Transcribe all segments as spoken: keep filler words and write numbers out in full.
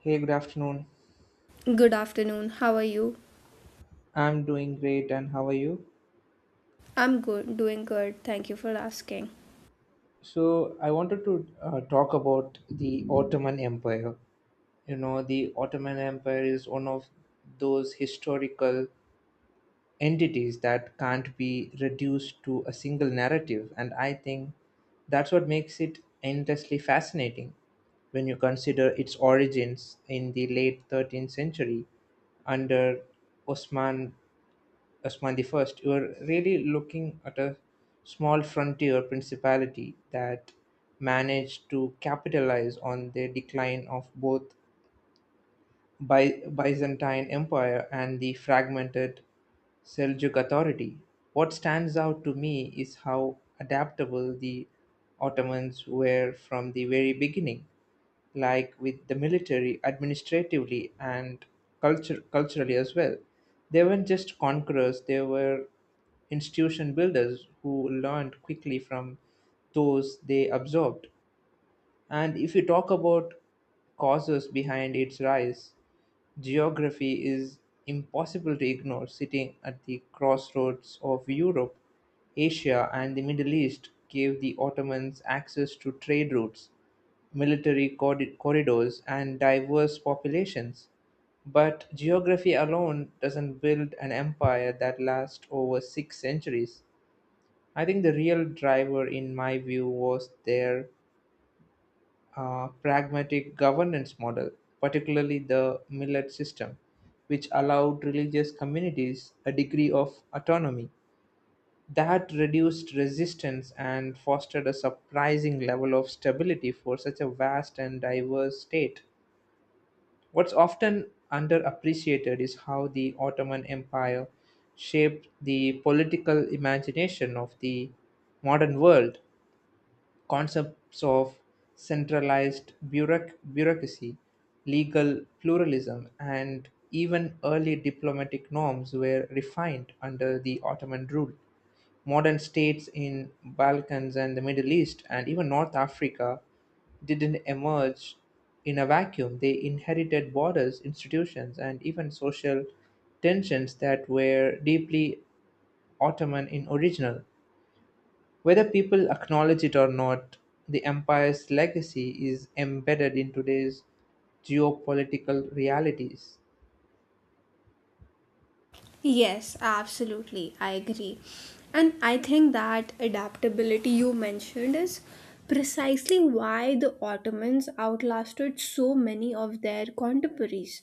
Hey, good afternoon. Good afternoon. How are you? I'm doing great, and how are you? I'm good, doing good. Thank you for asking. So, I wanted to uh, talk about the Ottoman Empire. You know, the Ottoman Empire is one of those historical entities that can't be reduced to a single narrative, and I think that's what makes it endlessly fascinating when you consider its origins in the late thirteenth century under Osman Osman first, you are really looking at a small frontier principality that managed to capitalize on the decline of both By- Byzantine Empire and the fragmented Seljuk authority. What stands out to me is how adaptable the Ottomans were from the very beginning, like with the military, administratively, and culture, culturally as well. They weren't just conquerors, they were institution builders who learned quickly from those they absorbed. And if you talk about causes behind its rise, geography is impossible to ignore. Sitting at the crossroads of Europe, Asia, and the Middle East gave the Ottomans access to trade routes, military corri- corridors, and diverse populations. But geography alone doesn't build an empire that lasts over six centuries. I think the real driver, in my view, was their uh, pragmatic governance model, particularly the millet system, which allowed religious communities a degree of autonomy. That reduced resistance and fostered a surprising level of stability for such a vast and diverse state. What's often underappreciated is how the Ottoman Empire shaped the political imagination of the modern world. Concepts of centralized bureauc- bureaucracy, legal pluralism, and even early diplomatic norms were refined under the Ottoman rule. Modern states in Balkans and the Middle East and even North Africa didn't emerge in a vacuum. They inherited borders, institutions, and even social tensions that were deeply Ottoman in original. Whether people acknowledge it or not, the empire's legacy is embedded in today's geopolitical realities. Yes, absolutely. I agree. And I think that adaptability you mentioned is precisely why the Ottomans outlasted so many of their contemporaries.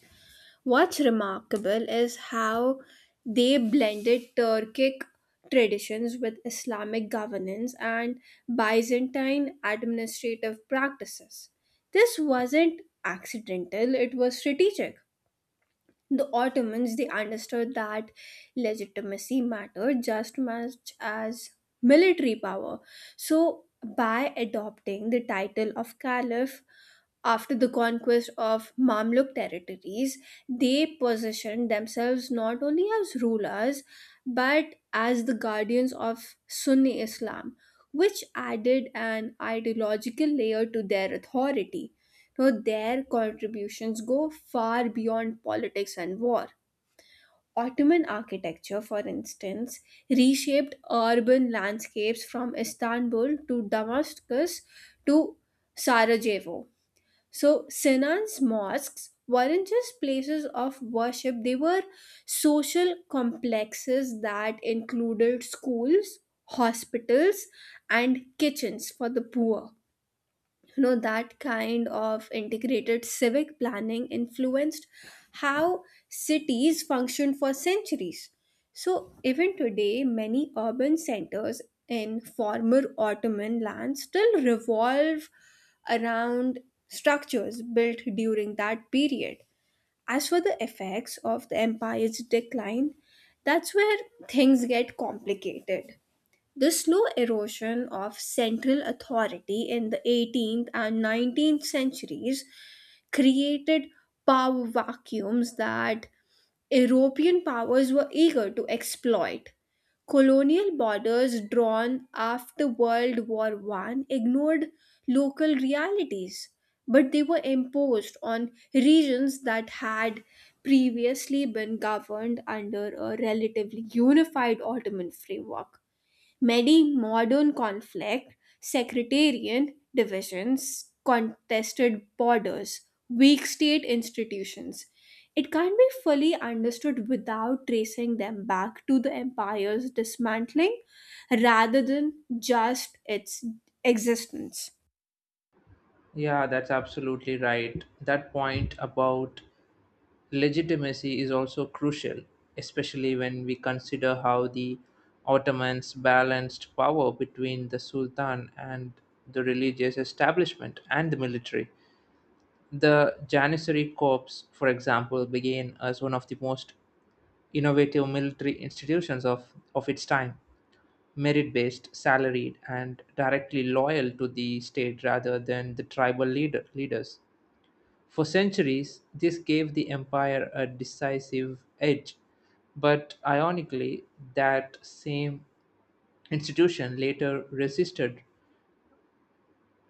What's remarkable is how they blended Turkic traditions with Islamic governance and Byzantine administrative practices. This wasn't accidental, it was strategic. The Ottomans, they understood that legitimacy mattered just much as military power. So by adopting the title of caliph after the conquest of Mamluk territories, they positioned themselves not only as rulers but as the guardians of Sunni Islam, which added an ideological layer to their authority. So their contributions go far beyond politics and war. Ottoman architecture, for instance, reshaped urban landscapes from Istanbul to Damascus to Sarajevo. So Sinan's mosques weren't just places of worship, they were social complexes that included schools, hospitals, and kitchens for the poor. You know that kind of integrated civic planning influenced how cities functioned for centuries, so even today many urban centers in former Ottoman lands still revolve around structures built during that period. As for the effects of the empire's decline, that's where things get complicated. The slow erosion of central authority in the eighteenth and nineteenth centuries created power vacuums that European powers were eager to exploit. Colonial borders drawn after World War One ignored local realities, but they were imposed on regions that had previously been governed under a relatively unified Ottoman framework. Many modern conflict, sectarian divisions, contested borders, weak state institutions. It can't be fully understood without tracing them back to the empire's dismantling rather than just its existence. Yeah, that's absolutely right. That point about legitimacy is also crucial, especially when we consider how the Ottomans balanced power between the Sultan and the religious establishment and the military. The Janissary Corps, for example, began as one of the most innovative military institutions of, of its time: merit-based, salaried, and directly loyal to the state rather than the tribal leader, leaders. For centuries, this gave the empire a decisive edge, but ironically, that same institution later resisted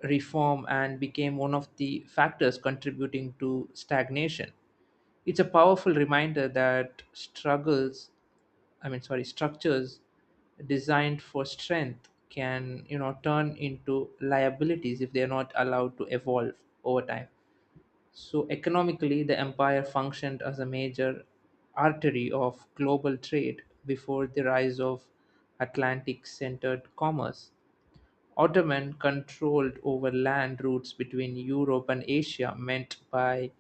reform and became one of the factors contributing to stagnation. It's a powerful reminder that struggles I mean, sorry, structures designed for strength can, you know, turn into liabilities if they're not allowed to evolve over time. So, economically, the empire functioned as a major artery of global trade before the rise of Atlantic centered commerce. Ottoman control over land routes between Europe and Asia meant by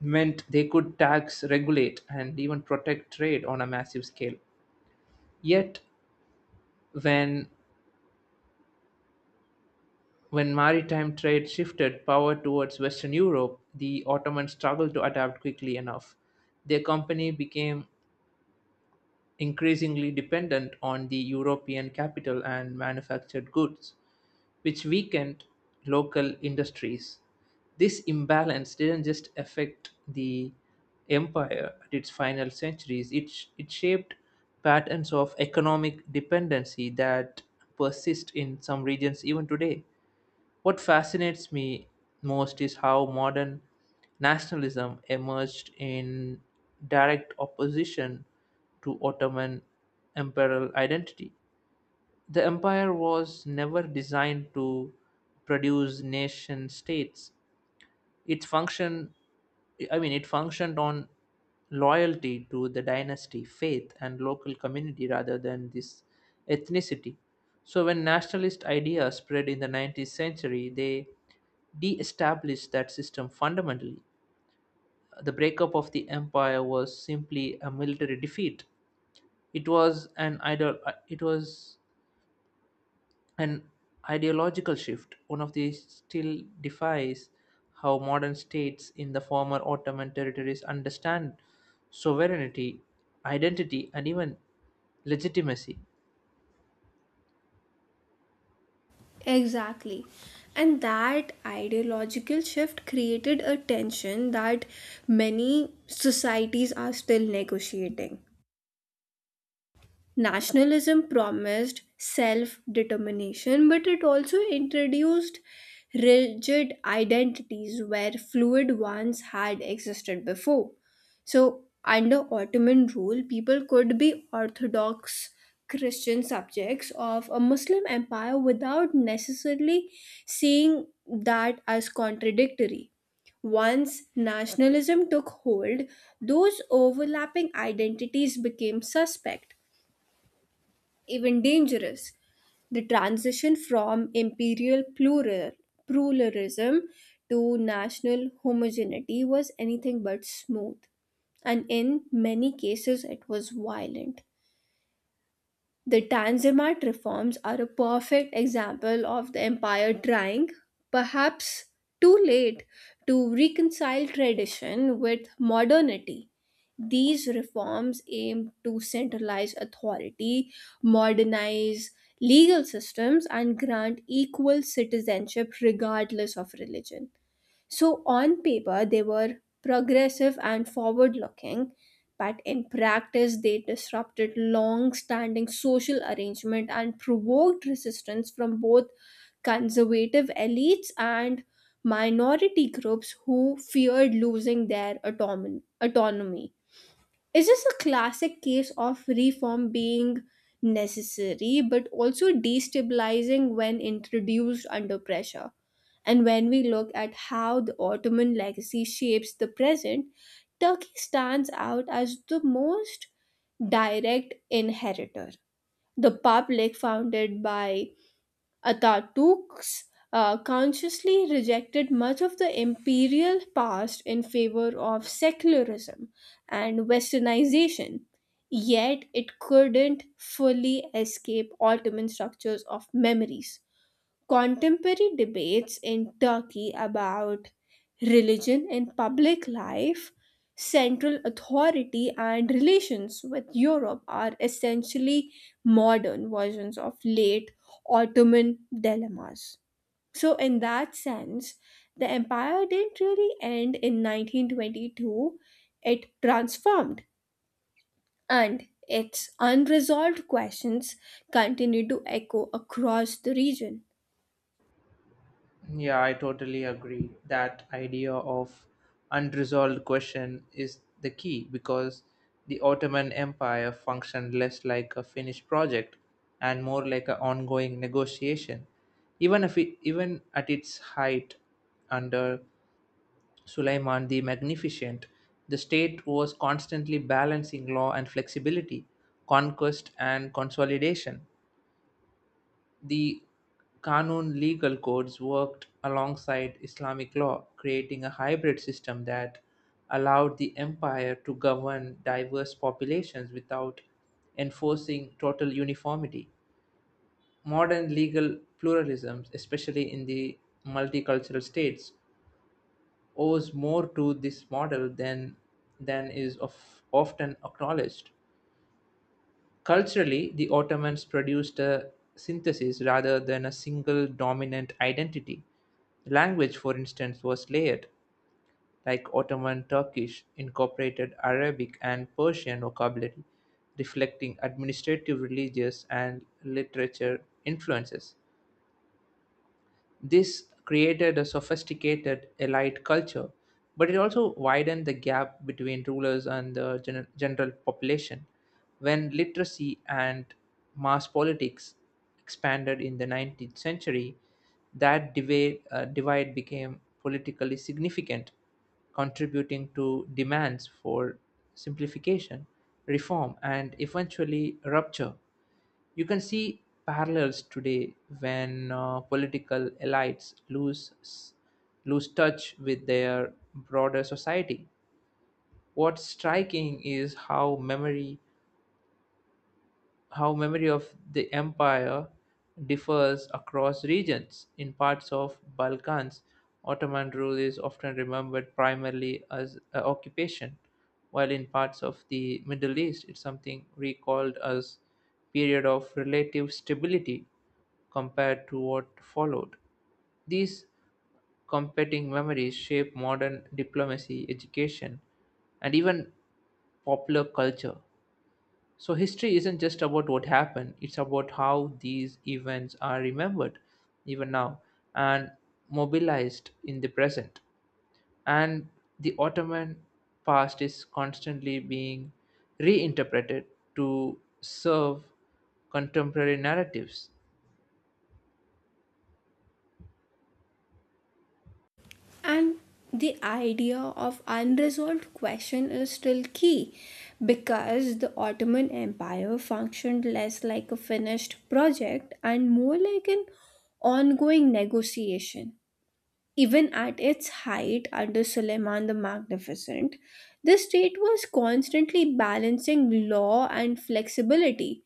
meant they could tax, regulate, and even protect trade on a massive scale. Yet When when maritime trade shifted power towards Western Europe, the Ottomans struggled to adapt quickly enough. Their company became increasingly dependent on the European capital and manufactured goods, which weakened local industries. This imbalance didn't just affect the empire at its final centuries, it, sh- it shaped patterns of economic dependency that persist in some regions even today. What fascinates me most is how modern nationalism emerged in direct opposition to Ottoman imperial identity. The empire was never designed to produce nation states. Its function, I mean, It functioned on loyalty to the dynasty, faith, and local community rather than this ethnicity. So, when nationalist ideas spread in the nineteenth century, they de established that system fundamentally. The breakup of the empire was simply a military defeat. It was an idol. Uh, It was an ideological shift. One of these still defies how modern states in the former Ottoman territories understand sovereignty, identity, and even legitimacy. Exactly. And that ideological shift created a tension that many societies are still negotiating. Nationalism promised self determination, but it also introduced rigid identities where fluid ones had existed before. So, under Ottoman rule, people could be Orthodox Christian subjects of a Muslim empire without necessarily seeing that as contradictory. Once nationalism took hold, those overlapping identities became suspect, even dangerous. The transition from imperial plural, pluralism to national homogeneity was anything but smooth, and in many cases, it was violent. The Tanzimat reforms are a perfect example of the empire trying, perhaps too late, to reconcile tradition with modernity. These reforms aim to centralize authority, modernize legal systems, and grant equal citizenship regardless of religion. So, on paper, they were progressive and forward looking, but in practice, they disrupted long standing social arrangement and provoked resistance from both conservative elites and minority groups who feared losing their autonom- autonomy. Is this a classic case of reform being necessary but also destabilizing when introduced under pressure? And when we look at how the Ottoman legacy shapes the present, Turkey stands out as the most direct inheritor. The public, founded by Ataturk's, uh, consciously rejected much of the imperial past in favor of secularism and westernization. Yet it couldn't fully escape Ottoman structures of memories. Contemporary debates in Turkey about religion and public life, central authority, and relations with Europe are essentially modern versions of late Ottoman dilemmas. So, in that sense, the empire didn't really end in nineteen twenty-two, it transformed, and its unresolved questions continue to echo across the region. Yeah, I totally agree. That idea of unresolved question is the key because the Ottoman Empire functioned less like a finished project and more like an ongoing negotiation. Even if it, even at its height under Suleiman the Magnificent, the state was constantly balancing law and flexibility, conquest and consolidation. The Kanun legal codes worked alongside Islamic law, creating a hybrid system that allowed the empire to govern diverse populations without enforcing total uniformity. Modern legal pluralisms, especially in the multicultural states, owes more to this model than, than is of, often acknowledged. Culturally, the Ottomans produced a synthesis rather than a single dominant identity. Language, for instance, was layered, like Ottoman Turkish incorporated Arabic and Persian vocabulary, reflecting administrative, religious, and literature influences. This created a sophisticated elite culture, but it also widened the gap between rulers and the gen- general population. When literacy and mass politics expanded in the nineteenth century, that divide, uh, divide became politically significant, contributing to demands for simplification, reform, and eventually rupture. You can see parallels today when uh, political elites lose lose touch with their broader society. What's striking is how memory how memory of the empire differs across regions. In parts of Balkans, Ottoman rule is often remembered primarily as a occupation, while in parts of the Middle East, it's something recalled as period of relative stability compared to what followed. These competing memories shape modern diplomacy, education, and even popular culture. So, history isn't just about what happened, it's about how these events are remembered, even now, and mobilized in the present. And the Ottoman past is constantly being reinterpreted to serve contemporary narratives. And the idea of unresolved question is still key because the Ottoman Empire functioned less like a finished project and more like an ongoing negotiation. Even at its height under Suleiman the Magnificent, the state was constantly balancing law and flexibility,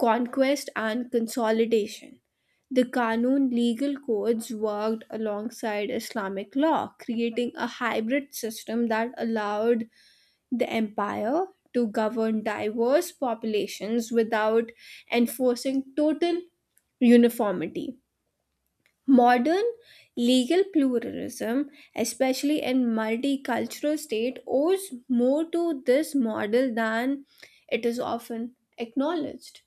conquest and consolidation. The Qanun legal codes worked alongside Islamic law, creating a hybrid system that allowed the empire to govern diverse populations without enforcing total uniformity. Modern legal pluralism, especially in multicultural state, owes more to this model than it is often acknowledged.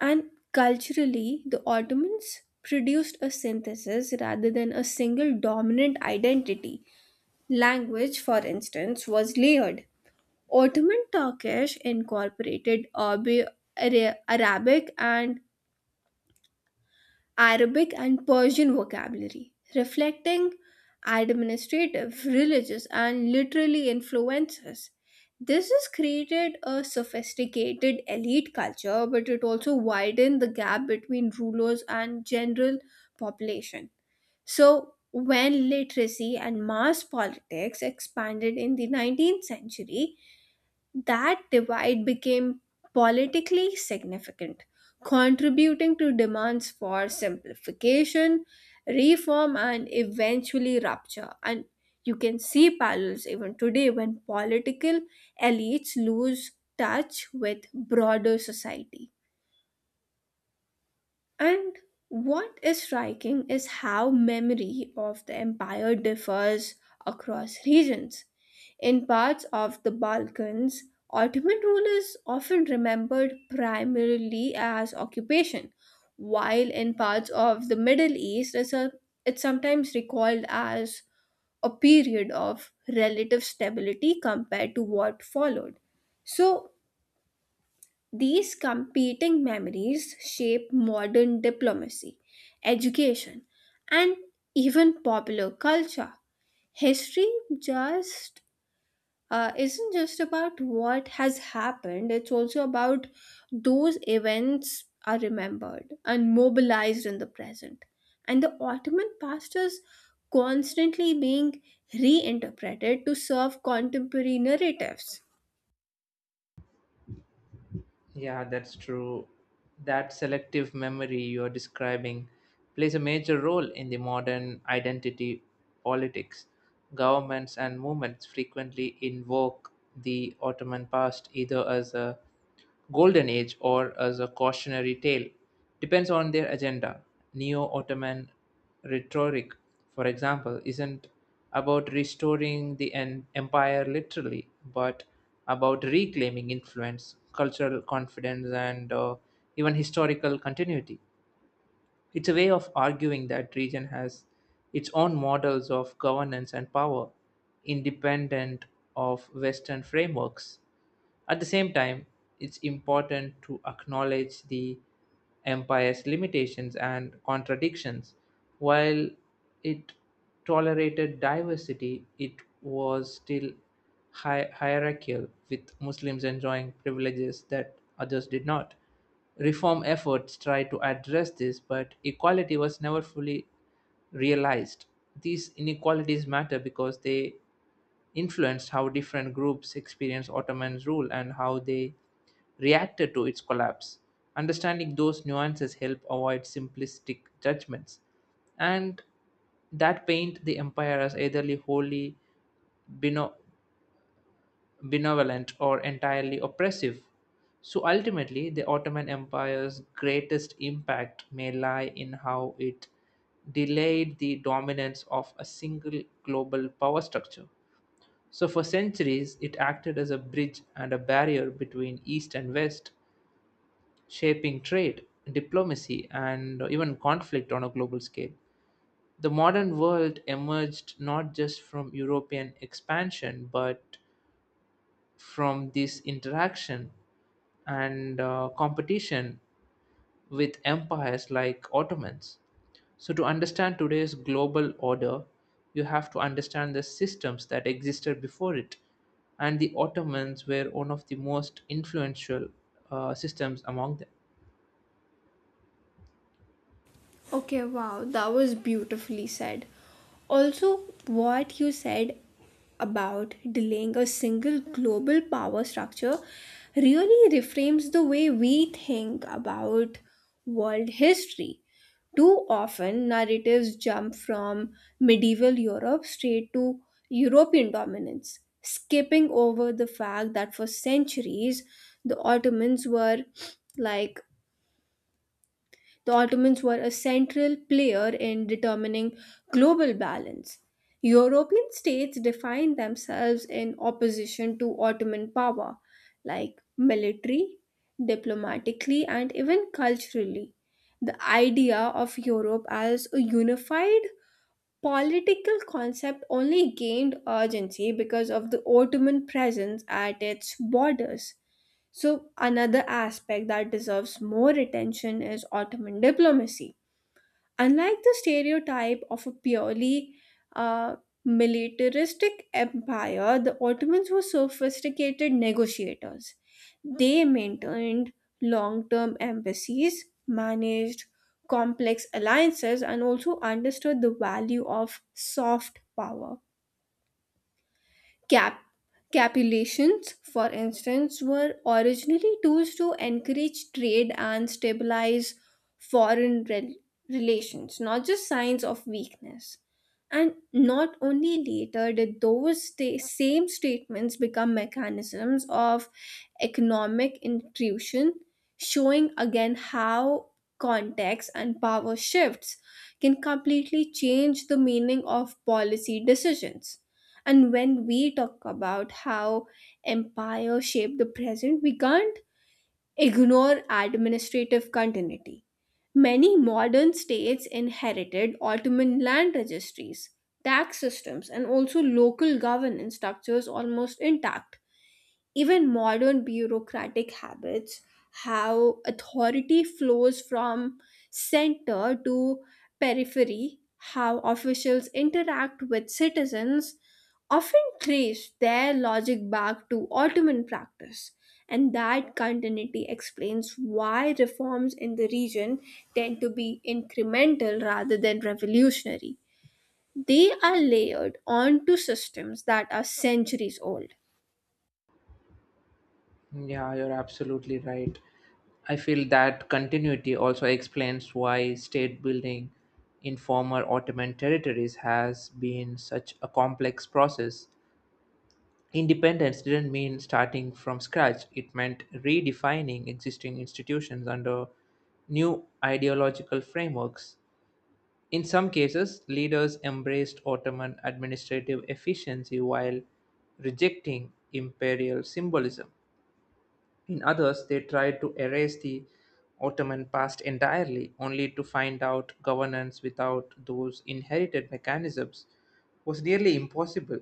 And culturally, the Ottomans produced a synthesis rather than a single dominant identity. Language, for instance, was layered. Ottoman Turkish incorporated Arab- Ara- Arabic and Arabic and Persian vocabulary, reflecting administrative, religious, and literary influences. This has created a sophisticated elite culture, but it also widened the gap between rulers and general population. So, when literacy and mass politics expanded in the nineteenth century, that divide became politically significant, contributing to demands for simplification, reform, and eventually rupture. And you can see parallels even today when political elites lose touch with broader society. And what is striking is how memory of the empire differs across regions. In parts of the Balkans, Ottoman rule is often remembered primarily as occupation, while in parts of the Middle East, it's, a, it's sometimes recalled as a period of relative stability compared to what followed. So, these competing memories shape modern diplomacy, education, and even popular culture. History just uh, isn't just about what has happened, it's also about those events are remembered and mobilized in the present. And the Ottoman past is constantly being reinterpreted to serve contemporary narratives. Yeah, that's true. That selective memory you're describing plays a major role in the modern identity politics. Governments and movements frequently invoke the Ottoman past either as a golden age or as a cautionary tale, depends on their agenda. Neo Ottoman rhetoric, for example, isn't about restoring the en- empire literally, but about reclaiming influence, cultural confidence, and uh, even historical continuity. It's a way of arguing that region has its own models of governance and power, independent of Western frameworks. At the same time, it's important to acknowledge the empire's limitations and contradictions. While it tolerated diversity, it was still hi- hierarchical, with Muslims enjoying privileges that others did not. Reform efforts tried to address this, but equality was never fully realized. These inequalities matter because they influenced how different groups experienced Ottoman rule and how they reacted to its collapse. Understanding those nuances help avoid simplistic judgments and that paint the empire as eitherly wholly bino- benevolent or entirely oppressive. So ultimately, the Ottoman Empire's greatest impact may lie in how it delayed the dominance of a single global power structure. So, for centuries, it acted as a bridge and a barrier between East and West, shaping trade, diplomacy, and even conflict on a global scale. The modern world emerged not just from European expansion but from this interaction and uh, competition with empires like Ottomans. So, to understand today's global order, you have to understand the systems that existed before it. And the Ottomans were one of the most influential uh, systems among them. Okay, wow, that was beautifully said. Also, what you said about delaying a single global power structure really reframes the way we think about world history. Too often, narratives jump from medieval Europe straight to European dominance, skipping over the fact that for centuries the Ottomans were like the Ottomans were a central player in determining global balance. European states defined themselves in opposition to Ottoman power, like military, diplomatically, and even culturally. The idea of Europe as a unified political concept only gained urgency because of the Ottoman presence at its borders. So, another aspect that deserves more attention is Ottoman diplomacy. Unlike the stereotype of a purely uh, militaristic empire, the Ottomans were sophisticated negotiators. They maintained long term embassies, managed complex alliances, and also understood the value of soft power. Cap- Capitulations, for instance, were originally tools to encourage trade and stabilize foreign rel- relations, not just signs of weakness. And not only later did those sta- same statements become mechanisms of economic intrusion, showing again how context and power shifts can completely change the meaning of policy decisions. And when we talk about how empire shaped the present, we can't ignore administrative continuity. Many modern states inherited Ottoman land registries, tax systems, and also local governance structures almost intact. Even modern bureaucratic habits, how authority flows from center to periphery, how officials interact with citizens, often trace their logic back to Ottoman practice. And that continuity explains why reforms in the region tend to be incremental rather than revolutionary. They are layered onto systems that are centuries old. Yeah, you're absolutely right. I feel that continuity also explains why state building in former Ottoman territories has been such a complex process. Independence didn't mean starting from scratch, it meant redefining existing institutions under new ideological frameworks. In some cases, leaders embraced Ottoman administrative efficiency while rejecting imperial symbolism. In others, they tried to erase the Ottoman past entirely, only to find out governance without those inherited mechanisms was nearly impossible.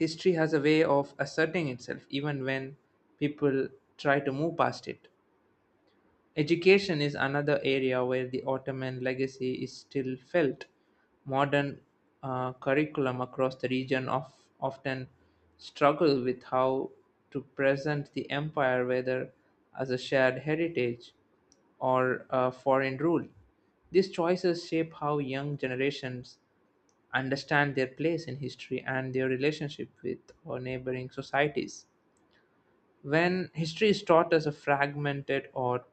History has a way of asserting itself even when people try to move past it. Education is another area where the Ottoman legacy is still felt. Modern uh, curriculum across the region of, often struggle with how to present the empire, whether as a shared heritage or a foreign rule. These choices shape how young generations understand their place in history and their relationship with our neighboring societies. When history is taught as a fragmented or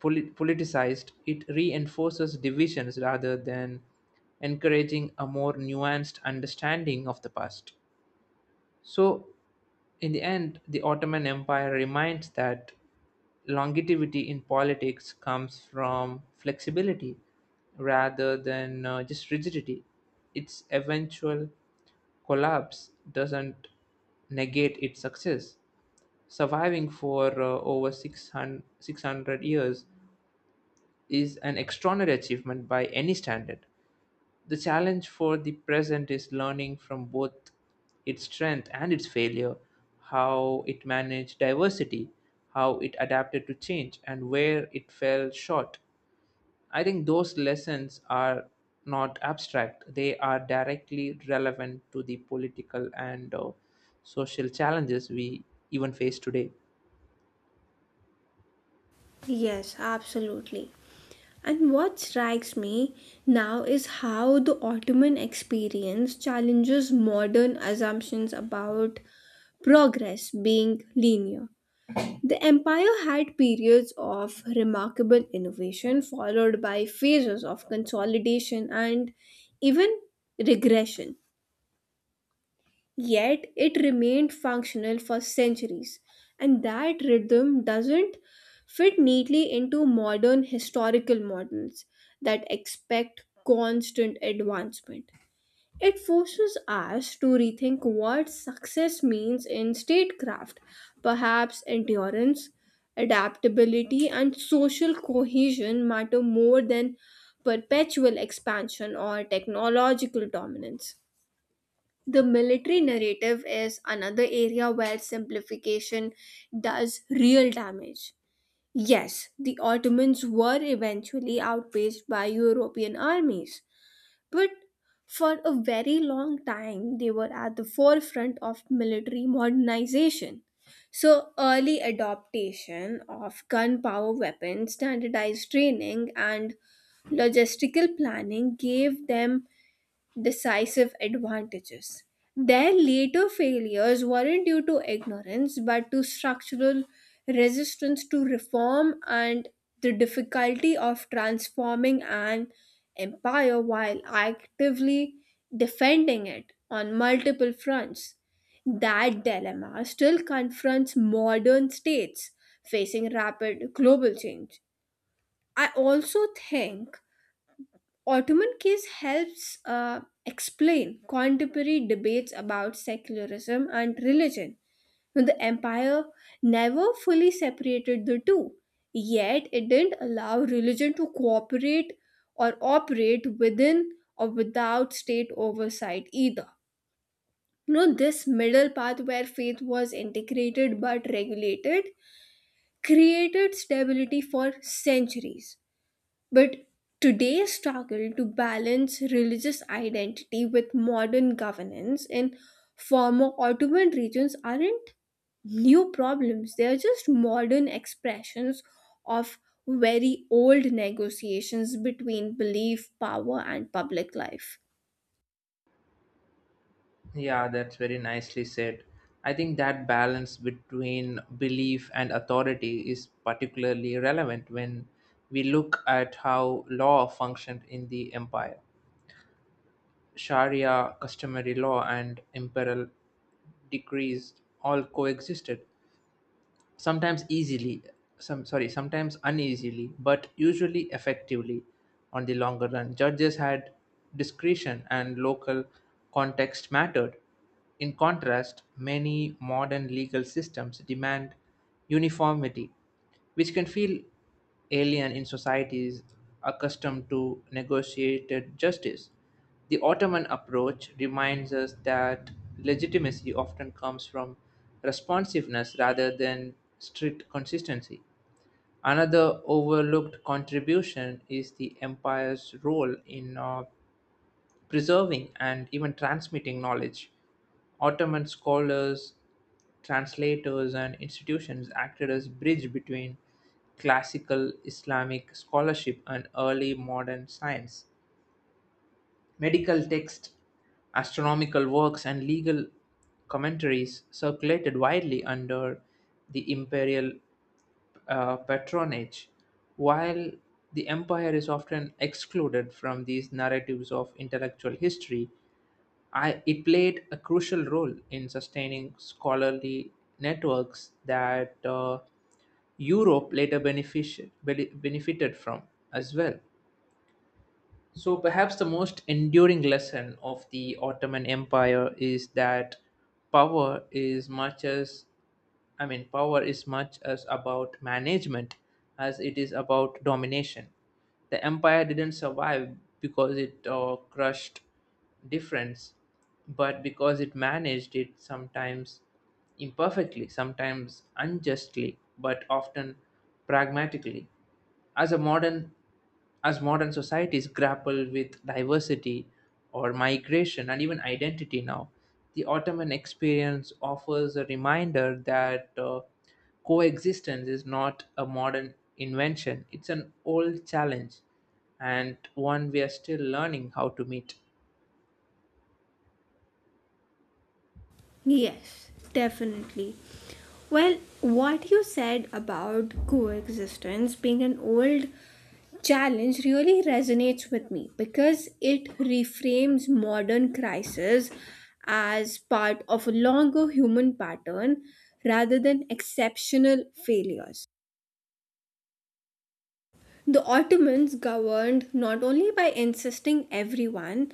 poli- politicized, it reinforces divisions rather than encouraging a more nuanced understanding of the past. So, in the end, the Ottoman Empire reminds that longevity in politics comes from flexibility rather than uh, just rigidity. Its eventual collapse doesn't negate its success. Surviving for uh, over six hundred six hundred years is an extraordinary achievement by any standard. The challenge for the present is learning from both its strength and its failure, how it managed diversity, how it adapted to change, and where it fell short. I think those lessons are not abstract, they are directly relevant to the political and uh, social challenges we even face today. Yes, absolutely. And what strikes me now is how the Ottoman experience challenges modern assumptions about progress being linear. The empire had periods of remarkable innovation, followed by phases of consolidation and even regression. Yet it remained functional for centuries, and that rhythm doesn't fit neatly into modern historical models that expect constant advancement. It forces us to rethink what success means in statecraft, perhaps endurance. Adaptability and social cohesion matter more than perpetual expansion or technological dominance. The military narrative is another area where simplification does real damage. Yes, the Ottomans were eventually outpaced by European armies, but for a very long time they were at the forefront of military modernization. So, early adoption of gunpowder weapons, standardized training, and logistical planning gave them decisive advantages. Their later failures weren't due to ignorance but to structural resistance to reform and the difficulty of transforming an empire while actively defending it on multiple fronts. That dilemma still confronts modern states facing rapid global change. I also think Ottoman case helps uh, explain contemporary debates about secularism and religion. Now, the empire never fully separated the two, yet it didn't allow religion to cooperate or operate within or without state oversight either. You know, this middle path where faith was integrated but regulated created stability for centuries. But today's struggle to balance religious identity with modern governance in former Ottoman regions aren't new problems, they are just modern expressions of very old negotiations between belief, power, and public life. Yeah, that's very nicely said. I think that balance between belief and authority is particularly relevant when we look at how law functioned in the empire. Sharia, customary law, and imperial decrees all coexisted, sometimes easily some sorry sometimes uneasily but usually effectively on the longer run. Judges had discretion and local context mattered. In contrast, many modern legal systems demand uniformity, which can feel alien in societies accustomed to negotiated justice. The Ottoman approach reminds us that legitimacy often comes from responsiveness rather than strict consistency. Another overlooked contribution is the empire's role in uh, preserving and even transmitting knowledge. Ottoman scholars, translators, and institutions acted as bridge between classical Islamic scholarship and early modern science. Medical texts, astronomical works and legal commentaries circulated widely under the imperial uh, patronage, while the empire is often excluded from these narratives of intellectual history, I, it played a crucial role in sustaining scholarly networks that uh, Europe later benefici- bene- benefited from as well. So, perhaps the most enduring lesson of the Ottoman Empire is that power is much as, I mean, power is much as about management as it is about domination. The empire didn't survive because it uh, crushed difference, but because it managed it sometimes imperfectly, sometimes unjustly, but often pragmatically. As a modern as modern societies grapple with diversity or migration and even identity now, the Ottoman experience offers a reminder that uh, coexistence is not a modern invention, it's an old challenge, and one we are still learning how to meet. Yes, definitely. Well, what you said about coexistence being an old challenge really resonates with me because it reframes modern crisis as part of a longer human pattern rather than exceptional failures. The Ottomans governed not only by insisting everyone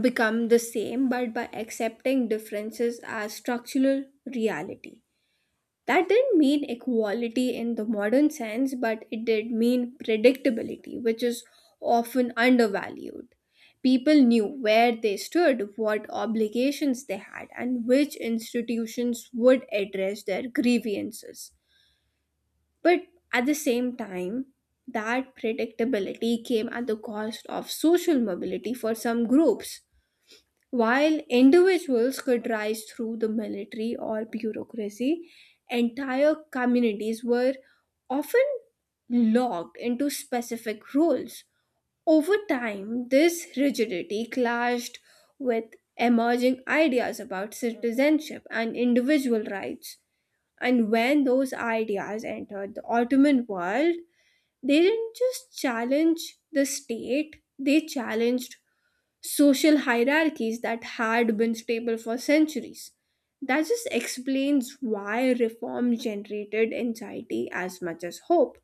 become the same but by accepting differences as structural reality. That didn't mean equality in the modern sense, but it did mean predictability, which is often undervalued. People knew where they stood, what obligations they had, and which institutions would address their grievances. But at the same time, that predictability came at the cost of social mobility for some groups. While individuals could rise through the military or bureaucracy, entire communities were often locked into specific roles. Over time, this rigidity clashed with emerging ideas about citizenship and individual rights. And when those ideas entered the Ottoman world, they didn't just challenge the state, they challenged social hierarchies that had been stable for centuries. That just explains why reform generated anxiety as much as hope.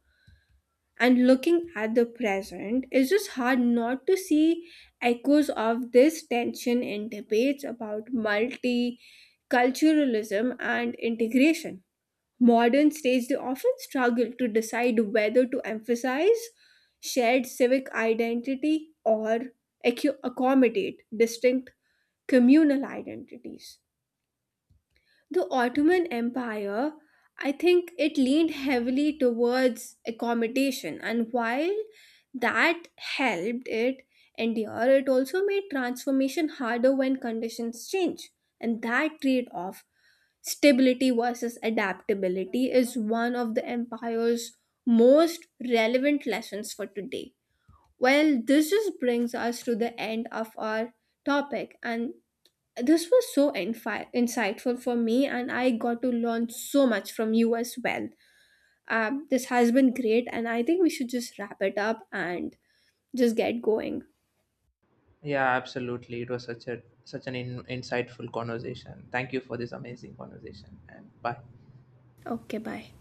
And looking at the present, it's just hard not to see echoes of this tension in debates about multiculturalism and integration. Modern stages often struggle to decide whether to emphasize shared civic identity or accu- accommodate distinct communal identities. The Ottoman Empire, I think it leaned heavily towards accommodation, and while that helped it endure, it also made transformation harder when conditions change. And that trade off, stability versus adaptability, is one of the empire's most relevant lessons for today. Well, this just brings us to the end of our topic, and this was so infi- insightful for me, and I got to learn so much from you as well. Um, this has been great, and I think we should just wrap it up and just get going. Yeah, absolutely. It was such a such an in, insightful conversation. Thank you for this amazing conversation, and bye. Okay, bye.